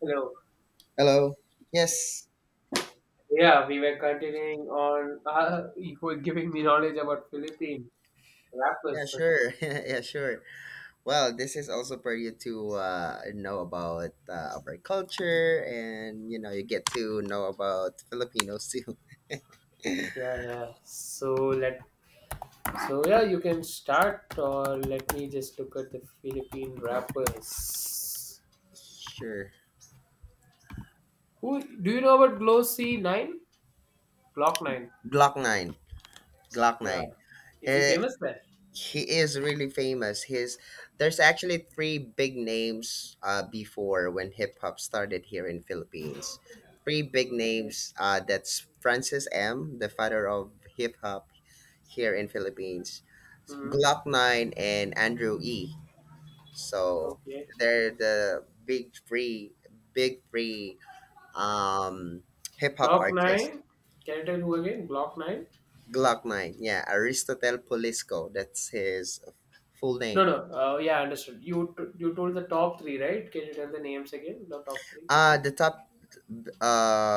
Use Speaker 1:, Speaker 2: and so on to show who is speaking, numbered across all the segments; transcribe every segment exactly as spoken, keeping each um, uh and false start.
Speaker 1: Hello.
Speaker 2: Hello. Yes.
Speaker 1: Yeah, we were continuing on. Uh, you were giving me knowledge about Philippine
Speaker 2: Yeah,
Speaker 1: rappers.
Speaker 2: sure. yeah, sure. Well, this is also for you to uh, know about uh, our culture and, you know, you get to know about Filipinos too.
Speaker 1: Yeah, yeah. So let. So yeah, you can start, or let me just look at the Philippine rappers.
Speaker 2: sure.
Speaker 1: Who do you know about Glossy Nine? Glock Nine.
Speaker 2: Glock nine. Glock
Speaker 1: Yeah.
Speaker 2: nine.
Speaker 1: Is he
Speaker 2: He,
Speaker 1: famous there?
Speaker 2: he is really famous. His There's actually three big names uh, before when hip-hop started here in Philippines. Three big
Speaker 1: Okay.
Speaker 2: names. Uh, that's Francis M., the father of hip-hop here in Philippines,
Speaker 1: Hmm.
Speaker 2: Glock nine, and Andrew E. So
Speaker 1: Okay.
Speaker 2: they're the big three, big three um, hip hop
Speaker 1: Glock
Speaker 2: artists.
Speaker 1: Nine. Can I tell who again? Glock Nine.
Speaker 2: Glock nine, yeah, Aristotle Polisco, that's his full
Speaker 1: No, no.
Speaker 2: name.
Speaker 1: Uh, yeah, understood. You t- you told the top three, right? Can you tell the names again? The top three,
Speaker 2: Uh, the top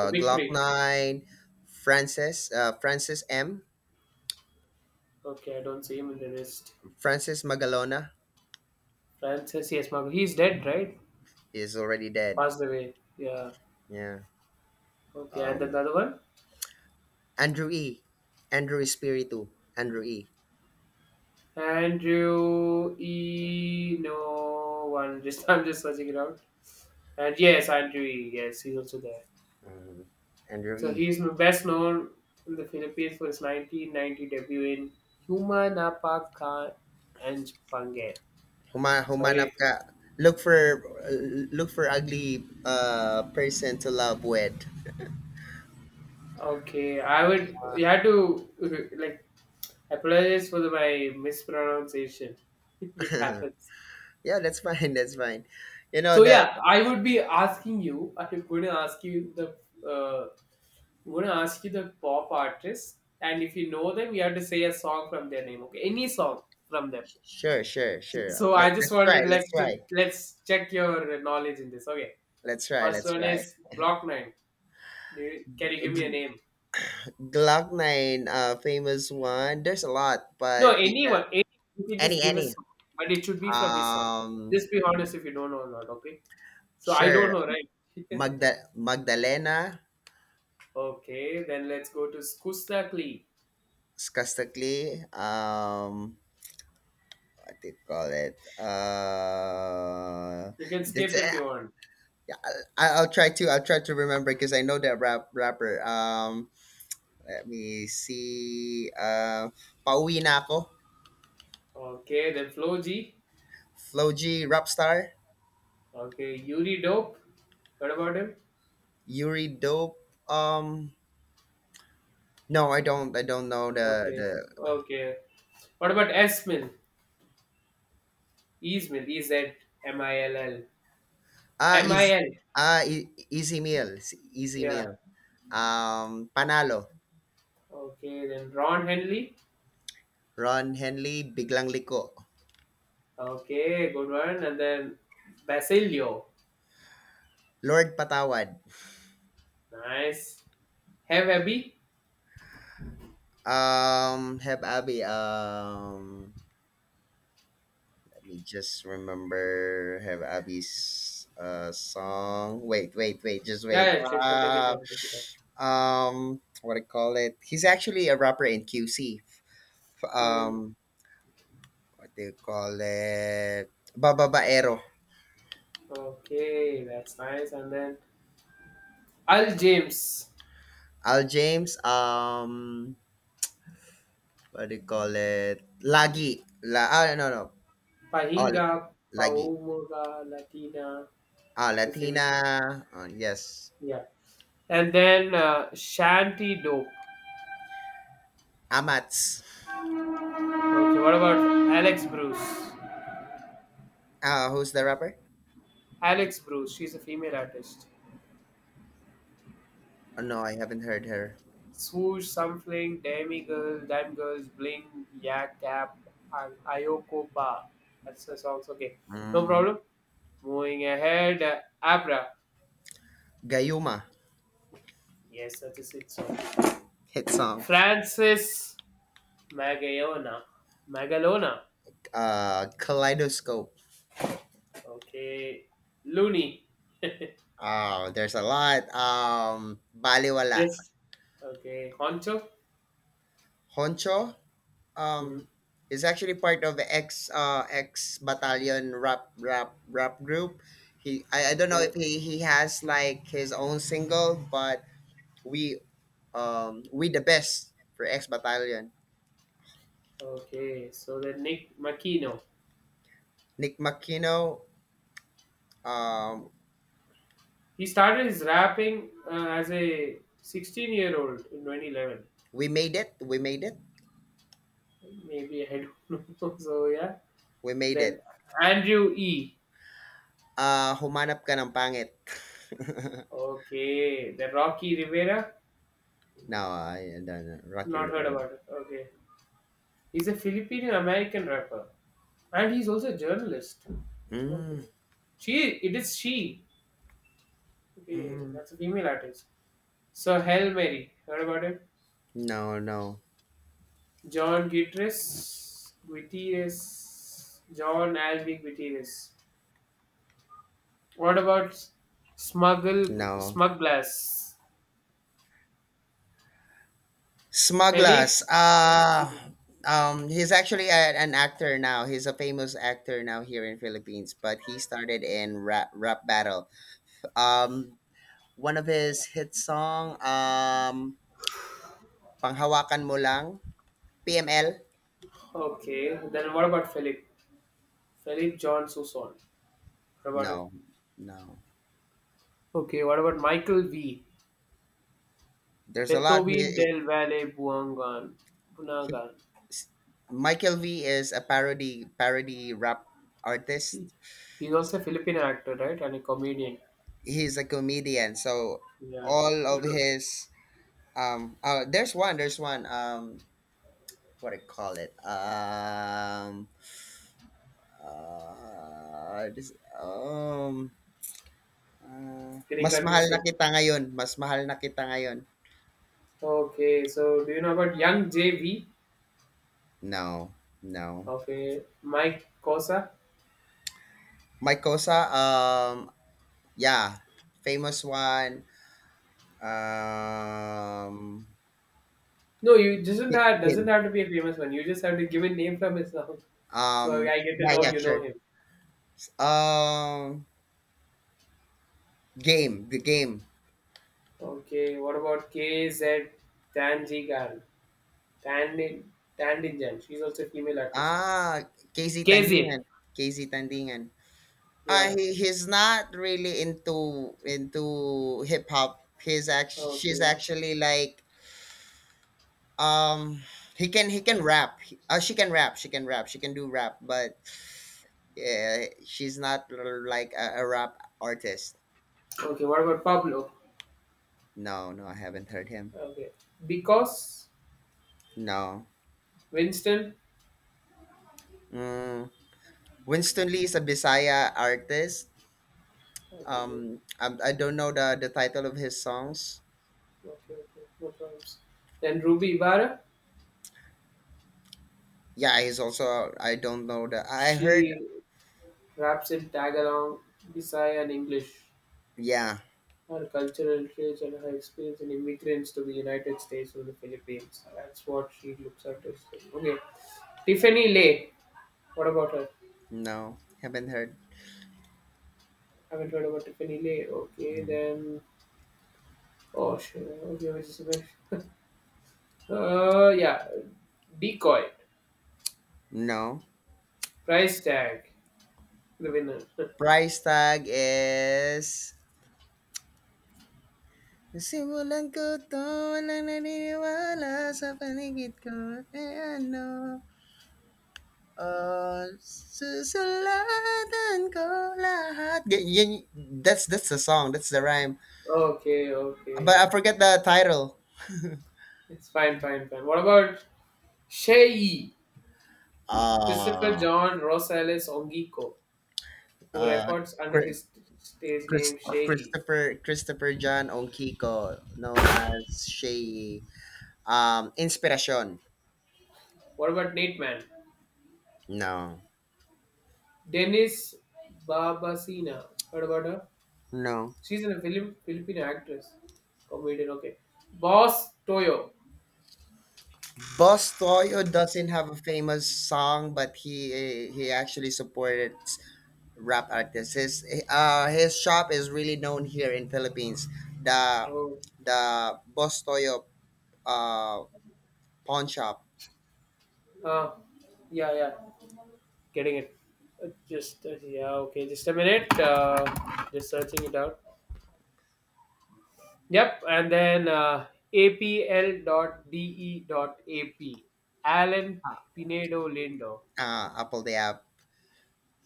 Speaker 1: the big
Speaker 2: Glock
Speaker 1: three.
Speaker 2: nine, Francis, uh, Francis M,
Speaker 1: Okay, I don't see him in the list.
Speaker 2: Francis Magalona,
Speaker 1: Francis, yes, Marco. He's dead, right?
Speaker 2: is already dead.
Speaker 1: Passed away. Yeah.
Speaker 2: Yeah.
Speaker 1: Okay, and then the
Speaker 2: Um,
Speaker 1: other one,
Speaker 2: Andrew E, Andrew Espiritu, Andrew E.
Speaker 1: Andrew E. No one. Just I'm just searching it out. And yes, Andrew E. Yes, he's also there.
Speaker 2: Mhm. Andrew
Speaker 1: So
Speaker 2: E.
Speaker 1: he's m- best known in the Philippines for his nineteen ninety debut in Humanapakan and Pangan.
Speaker 2: Huma humanap
Speaker 1: Sorry.
Speaker 2: ka, look for, look for ugly uh person to love with.
Speaker 1: Okay, I would you had to uh, like apologize for the, my mispronunciation if it happens.
Speaker 2: yeah, that's fine. That's fine. You know
Speaker 1: So
Speaker 2: that.
Speaker 1: yeah, I would be asking you. I'm going to ask you the uh, I'm going to ask you the pop artist, and if you know them, you have to say a song from their name. Okay, any song from them.
Speaker 2: Sure, sure, sure.
Speaker 1: So
Speaker 2: Let,
Speaker 1: I just
Speaker 2: let's try.
Speaker 1: wanted
Speaker 2: Let's
Speaker 1: like to,
Speaker 2: try.
Speaker 1: let's check your knowledge in this. Okay,
Speaker 2: Let's
Speaker 1: the
Speaker 2: try.
Speaker 1: first
Speaker 2: Let's
Speaker 1: one
Speaker 2: try.
Speaker 1: is Block Nine. Do you, can you give me a
Speaker 2: G-
Speaker 1: name?
Speaker 2: Glock nine, uh, famous one. There's a lot,
Speaker 1: No,
Speaker 2: but you can
Speaker 1: anyone, any you can just
Speaker 2: any
Speaker 1: give a
Speaker 2: any.
Speaker 1: song, but it should be from his song.
Speaker 2: Um,
Speaker 1: Just be honest if you don't know or not, okay? So I don't
Speaker 2: sure.
Speaker 1: know, right?
Speaker 2: Magda Magdalena.
Speaker 1: Okay, then let's go to Skustakli.
Speaker 2: Skastakli. Um, what do you call it? Uh,
Speaker 1: You can
Speaker 2: that's
Speaker 1: skip if
Speaker 2: it.
Speaker 1: you want.
Speaker 2: I, I'll try to I'll try to remember because I know that rap rapper. Um, let me see. Uh, Pauwi na ako.
Speaker 1: Okay, then Flo G.
Speaker 2: Flo G, Rapstar.
Speaker 1: Okay, Yuri Dope. What about him?
Speaker 2: Yuri Dope. Um, no, I don't. I don't know the
Speaker 1: Okay,
Speaker 2: the.
Speaker 1: okay. What about S Esmil? Esmil, E Z M I L L.
Speaker 2: Ah,
Speaker 1: M I
Speaker 2: is,
Speaker 1: L.
Speaker 2: ah E- easy meal, easy
Speaker 1: Yeah.
Speaker 2: meal. Um, Panalo.
Speaker 1: Okay, then Ron Henley.
Speaker 2: Ron Henley, Biglang Liko.
Speaker 1: Okay, good one. And then Basilio.
Speaker 2: Lord Patawad.
Speaker 1: Nice. Have Abby?
Speaker 2: Um, Heb Abi. Um, me just remember have Abby's uh song. Wait, wait, wait, just wait.
Speaker 1: Yeah, yeah, sure, sure. Take it
Speaker 2: Uh,
Speaker 1: time. Take it time.
Speaker 2: um, what do you call it? He's actually a rapper in Q C.
Speaker 1: Hmm.
Speaker 2: Um, what do you call it? Bababaero.
Speaker 1: Okay, that's nice. And then Al James,
Speaker 2: Al James. Um, what do you call it? Lagi. La. Ah, no, no. Oh,
Speaker 1: Pahinga,
Speaker 2: Lagi.
Speaker 1: Paumoga, Latina.
Speaker 2: Ah,
Speaker 1: That's his
Speaker 2: Latina.
Speaker 1: famous name.
Speaker 2: Oh, yes.
Speaker 1: Yeah. And then uh, Shanti Dope.
Speaker 2: Amats.
Speaker 1: Okay, what about Alex Bruce?
Speaker 2: Ah, who's the rapper?
Speaker 1: Alex Bruce, she's a female artist.
Speaker 2: Oh, no, I haven't heard her.
Speaker 1: Swoosh, Sunfling, Demi Girl, Dime Girls, Bling, Yak Cap, and Ayoko Ba. That's the songs. Okay, no
Speaker 2: Mm.
Speaker 1: problem. Moving ahead, uh, Abra.
Speaker 2: Gayuma.
Speaker 1: Yes, that is its song.
Speaker 2: Hit song.
Speaker 1: Francis Magallona. Magalona.
Speaker 2: Uh, Kaleidoscope.
Speaker 1: Okay. Looney.
Speaker 2: Oh, there's a lot. Um, Baliwala.
Speaker 1: This. Okay. Concho.
Speaker 2: Honcho.
Speaker 1: Hmm.
Speaker 2: Um, is actually part of ex, uh ex Battalion rap rap rap group. He I, I don't know
Speaker 1: Okay.
Speaker 2: if he he has like his own single, but we um we the best for X Battalion.
Speaker 1: Okay. So then Nick Makino.
Speaker 2: Nick Makino. Um,
Speaker 1: He started his rapping uh, as a sixteen year old in twenty eleven.
Speaker 2: we made it. We made it.
Speaker 1: Maybe I don't know. So yeah,
Speaker 2: We made
Speaker 1: then
Speaker 2: it.
Speaker 1: Andrew E.
Speaker 2: Uh, humanap ka ng pangit.
Speaker 1: Okay, the Rocky Rivera.
Speaker 2: No, I done Rocky
Speaker 1: Not heard
Speaker 2: Rivera.
Speaker 1: about it. Okay, he's a Filipino American rapper, and he's also a journalist. Okay,
Speaker 2: Mm,
Speaker 1: she it is she. Okay,
Speaker 2: mm,
Speaker 1: that's a female artist. So Hail Mary. Heard about it?
Speaker 2: no, no,
Speaker 1: John Gutierrez. Gutierrez. John Alvin Gutierrez. What about Smuggle
Speaker 2: no.
Speaker 1: Smug Glass? Philip
Speaker 2: Smugglers. Uh um he's actually a, an actor now. He's a famous actor now here in Philippines, but he started in rap rap battle. Um one of his hit song um Panghawakan Mo Lang, P M L?
Speaker 1: Okay, then what about Philip? Philip John Soussan. What about it?
Speaker 2: No. No.
Speaker 1: Okay, what about Michael V?
Speaker 2: There's a lot
Speaker 1: Beethoven
Speaker 2: he,
Speaker 1: del Valle Buangan.
Speaker 2: he
Speaker 1: Bunagan.
Speaker 2: Michael V is a parody parody rap artist.
Speaker 1: He's also a Filipino actor, right? And a comedian.
Speaker 2: He's a comedian, so
Speaker 1: Yeah,
Speaker 2: all
Speaker 1: you
Speaker 2: of
Speaker 1: do.
Speaker 2: his um uh, there's one there's one, um what do you call it um uh, this, um uh,
Speaker 1: Getting
Speaker 2: mas mahal na
Speaker 1: confusing.
Speaker 2: kita ngayon mas mahal na kita ngayon.
Speaker 1: Okay, so do you know about Young J V?
Speaker 2: no no.
Speaker 1: Okay, Mike Cosa.
Speaker 2: Mike Cosa um yeah, famous one. um
Speaker 1: No, you doesn't
Speaker 2: Gi-
Speaker 1: have doesn't
Speaker 2: game.
Speaker 1: have to be a famous one. You just have to give a name from his song, so
Speaker 2: um
Speaker 1: I get to
Speaker 2: yeah,
Speaker 1: know
Speaker 2: yeah,
Speaker 1: you know
Speaker 2: sure.
Speaker 1: him.
Speaker 2: um game the game.
Speaker 1: Okay, what about K Z Tanjigan? Tandin Tandinjan. She's also a female artist.
Speaker 2: Ah, Casey,
Speaker 1: K Z.
Speaker 2: Tandingan. Casey, Tandingan. Uh,
Speaker 1: Yeah.
Speaker 2: he, he's not really into into hip hop. He's act she's
Speaker 1: Okay.
Speaker 2: actually like, um he can, he can rap. He- Uh, she can rap. She can rap. She can do rap, but yeah, she's not l- like a, a rap artist.
Speaker 1: Okay. What about Pablo?
Speaker 2: No, no, I haven't heard him.
Speaker 1: Okay. Because
Speaker 2: No.
Speaker 1: Winston.
Speaker 2: Mm. Winston Lee is a Bisaya artist.
Speaker 1: Okay. Okay.
Speaker 2: Um, I, I don't know the, the title of his songs.
Speaker 1: Okay. Okay. No problems. Then Ruby Ibarra.
Speaker 2: Yeah, he's also. I don't know that. I heard.
Speaker 1: She raps in Tagalog, Bisaya, and English.
Speaker 2: Yeah,
Speaker 1: Her cultural heritage and her experience in immigrants to the United States or the Philippines. That's what she looks at. As. Well. Okay. Tiffany Lay. What about her?
Speaker 2: no, haven't heard.
Speaker 1: I haven't heard about Tiffany Lay. Okay.
Speaker 2: Mhm.
Speaker 1: Then oh, sure. Okay, which is a bit. Uh, yeah. Decoy.
Speaker 2: No.
Speaker 1: Price tag. The winner.
Speaker 2: Price tag is. Simulan ko to, walang naniniwala sa paligid ko, eh ano, oh, susulatan ko lahat. Y- yun, that's, that's the song, that's the rhyme.
Speaker 1: Okay, okay.
Speaker 2: But I forget the title.
Speaker 1: It's fine, fine, fine. What about Shei? Christopher
Speaker 2: Uh,
Speaker 1: John Rosales Ongiko, who
Speaker 2: uh,
Speaker 1: records under his stage
Speaker 2: Chris,
Speaker 1: name Shei.
Speaker 2: Christopher Christopher John Onkiko, known as Shay, um, Inspiration.
Speaker 1: What about Nate Man?
Speaker 2: No,
Speaker 1: Dennis Babasina. Heard about her?
Speaker 2: no.
Speaker 1: She's a Philip Filipino actress. Comedian, okay. Boss Toyo.
Speaker 2: Boss Toyo doesn't have a famous song, but he he actually supports rap artists. His uh his shop is really known here in Philippines. The
Speaker 1: Oh,
Speaker 2: the Boss Toyo uh pawn shop.
Speaker 1: uh, yeah, yeah. Getting it. Uh, Just uh, yeah, okay. Just a minute. Uh, just searching it out. Yep, and then uh, apl.de.ap. Alan Pinedo Lindo.
Speaker 2: uh, Apple the app.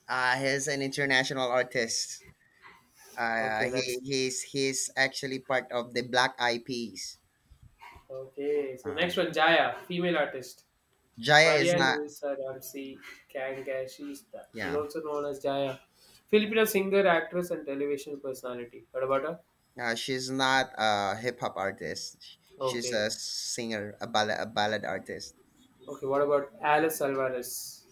Speaker 2: Uh, he's an international artist. Uh,
Speaker 1: Okay,
Speaker 2: he
Speaker 1: that's
Speaker 2: he's he's actually part of the Black Eyed Peas.
Speaker 1: okay. So
Speaker 2: Uh,
Speaker 1: next one, Jaya, female artist.
Speaker 2: Jaya is
Speaker 1: Maria
Speaker 2: not.
Speaker 1: Luisa Ramsey Kangashista. She's
Speaker 2: Yeah,
Speaker 1: also known as Jaya. Filipino singer, actress, and television personality. What about her?
Speaker 2: uh, she's not a hip hop artist. Sh- She's
Speaker 1: Okay.
Speaker 2: a singer, a ballad, a ballad artist.
Speaker 1: Okay, what about Alice Alvarez?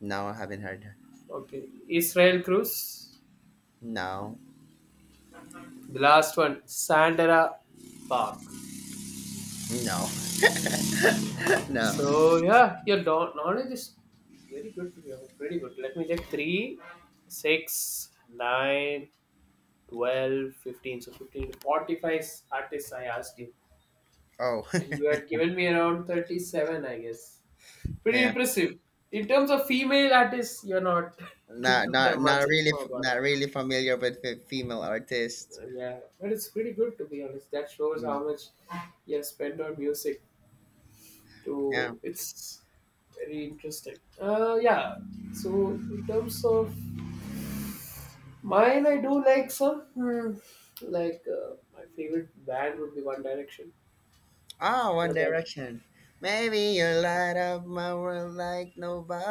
Speaker 2: No, I haven't heard her.
Speaker 1: Okay. Israel Cruz?
Speaker 2: No,
Speaker 1: The last one, Sandera Park.
Speaker 2: no, no.
Speaker 1: So yeah, your know- knowledge is very good. To be honest, pretty good. Let me check three, six, nine, twelve, fifteen. So fifteen to forty-five artists I asked you.
Speaker 2: Oh,
Speaker 1: And you had given me around thirty-seven, I guess. Pretty
Speaker 2: yeah.
Speaker 1: impressive. In terms of female artists, you're not, you
Speaker 2: Not
Speaker 1: don't have
Speaker 2: not
Speaker 1: much
Speaker 2: not really
Speaker 1: info
Speaker 2: f-
Speaker 1: about it.
Speaker 2: not really familiar with fe- female artists.
Speaker 1: Yeah, but it's pretty good to be honest. That shows
Speaker 2: Mm.
Speaker 1: how much you have spent on music.
Speaker 2: Yeah.
Speaker 1: To it's very interesting uh yeah, so in terms of mine, I do like some hmm, like uh, my favorite band would be One Direction.
Speaker 2: Oh,
Speaker 1: What
Speaker 2: One
Speaker 1: about
Speaker 2: Direction. Maybe you light up my world like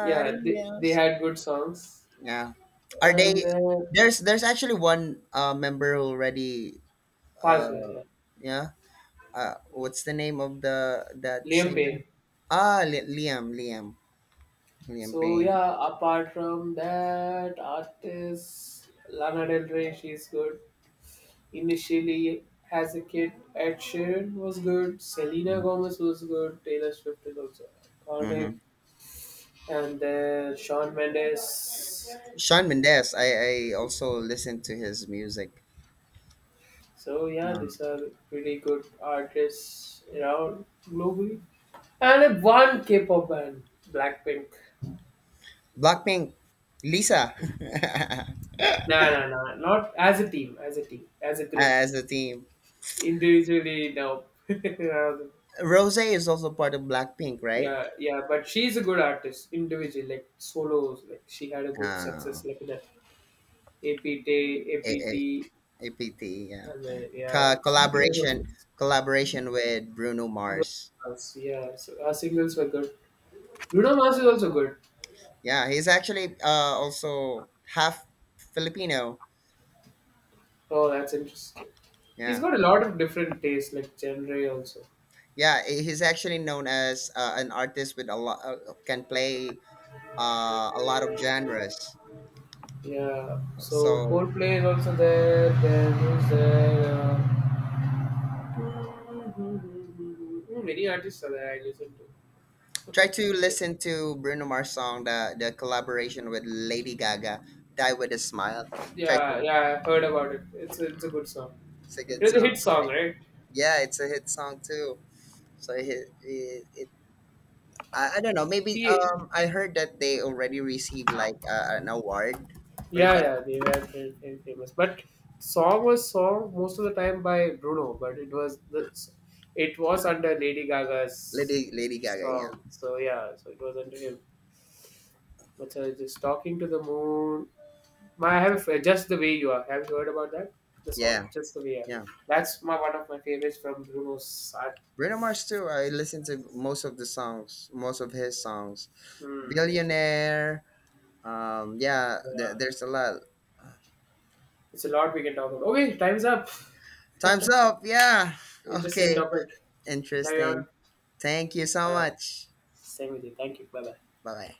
Speaker 1: yeah they, they
Speaker 2: else.
Speaker 1: had good songs.
Speaker 2: Yeah. Are
Speaker 1: And
Speaker 2: they,
Speaker 1: then
Speaker 2: there's there's actually one uh member who already,
Speaker 1: passed
Speaker 2: uh
Speaker 1: away, yeah,
Speaker 2: yeah. Uh what's the name of the that
Speaker 1: Liam Payne.
Speaker 2: singer? Ah, Li- Liam, Liam, Liam
Speaker 1: So
Speaker 2: Payne.
Speaker 1: yeah, apart from that artists, Lana Del Rey, she's good. Initially, as a kid, Ed Sheeran was good, Selena Gomez was good, Taylor Swift is also iconic,
Speaker 2: Mm-hmm.
Speaker 1: and then Shawn Mendes.
Speaker 2: Sean Mendes. I I also listen to his music.
Speaker 1: So yeah, these are pretty good artists around globally. And a one K-pop band, Blackpink.
Speaker 2: Blackpink, Lisa.
Speaker 1: Nah, nah, nah. Not as a team, as a team, as a group.
Speaker 2: As a team.
Speaker 1: Individually, no. Um,
Speaker 2: Rose is also part of Blackpink, right?
Speaker 1: yeah, yeah. But she's a good artist individually, like solos. Like she had a good
Speaker 2: Uh,
Speaker 1: success like that. A P T,
Speaker 2: A- A-
Speaker 1: A P T,
Speaker 2: APT, yeah.
Speaker 1: and uh, yeah,
Speaker 2: Co-
Speaker 1: even the
Speaker 2: collaboration, collaboration with Bruno
Speaker 1: Bruno
Speaker 2: Mars.
Speaker 1: Mars, yeah, so our singles were good. Bruno Mars is also good.
Speaker 2: Yeah, he's actually uh, also half Filipino.
Speaker 1: Oh, that's interesting. He's
Speaker 2: Yeah,
Speaker 1: got a lot of different tastes, like genre also.
Speaker 2: yeah, he- he's actually known as uh, an artist with a lot, uh, can play uh, a lot of genres.
Speaker 1: Yeah, so
Speaker 2: So
Speaker 1: Coldplay is also there. Then who's there? Uh, many artists are there I listen
Speaker 2: try
Speaker 1: to.
Speaker 2: to
Speaker 1: Like,
Speaker 2: listen to Bruno Mars song, the the collaboration with Lady Gaga, "Die with a Smile." Try to,
Speaker 1: yeah, yeah, I've heard about it. It's a, it's a good song.
Speaker 2: it's a
Speaker 1: It
Speaker 2: good
Speaker 1: was a hit
Speaker 2: song.
Speaker 1: song,
Speaker 2: Right?
Speaker 1: right?
Speaker 2: Yeah, it's a hit song too. So it, it, it I, I don't know. Maybe
Speaker 1: He
Speaker 2: um I heard that they already received like uh, an award for
Speaker 1: yeah,
Speaker 2: that.
Speaker 1: yeah, they were very, very famous. But song was sung most of the time by Bruno, but it was the it was under Lady Gaga's
Speaker 2: Lady Lady Gaga,
Speaker 1: song.
Speaker 2: yeah,
Speaker 1: So yeah, so it was under him. But uh, just talking to the moon. My, I have uh, just the way you are. Have you heard about that? The song,
Speaker 2: yeah,
Speaker 1: just the way you
Speaker 2: yeah.
Speaker 1: are. That's my one of my favorites from Bruno's art.
Speaker 2: Bruno Mars too. I listen to most of the songs, most of his songs.
Speaker 1: Hmm.
Speaker 2: Billionaire. Um, yeah,
Speaker 1: Yeah.
Speaker 2: th- there's a lot.
Speaker 1: It's a lot we can talk about. Okay, time's up.
Speaker 2: Time's up. Yeah.
Speaker 1: Interesting
Speaker 2: Okay.
Speaker 1: topic. Carry on.
Speaker 2: Interesting. Thank you so
Speaker 1: All right.
Speaker 2: much.
Speaker 1: Same with you. Thank you. Bye bye.
Speaker 2: Bye bye.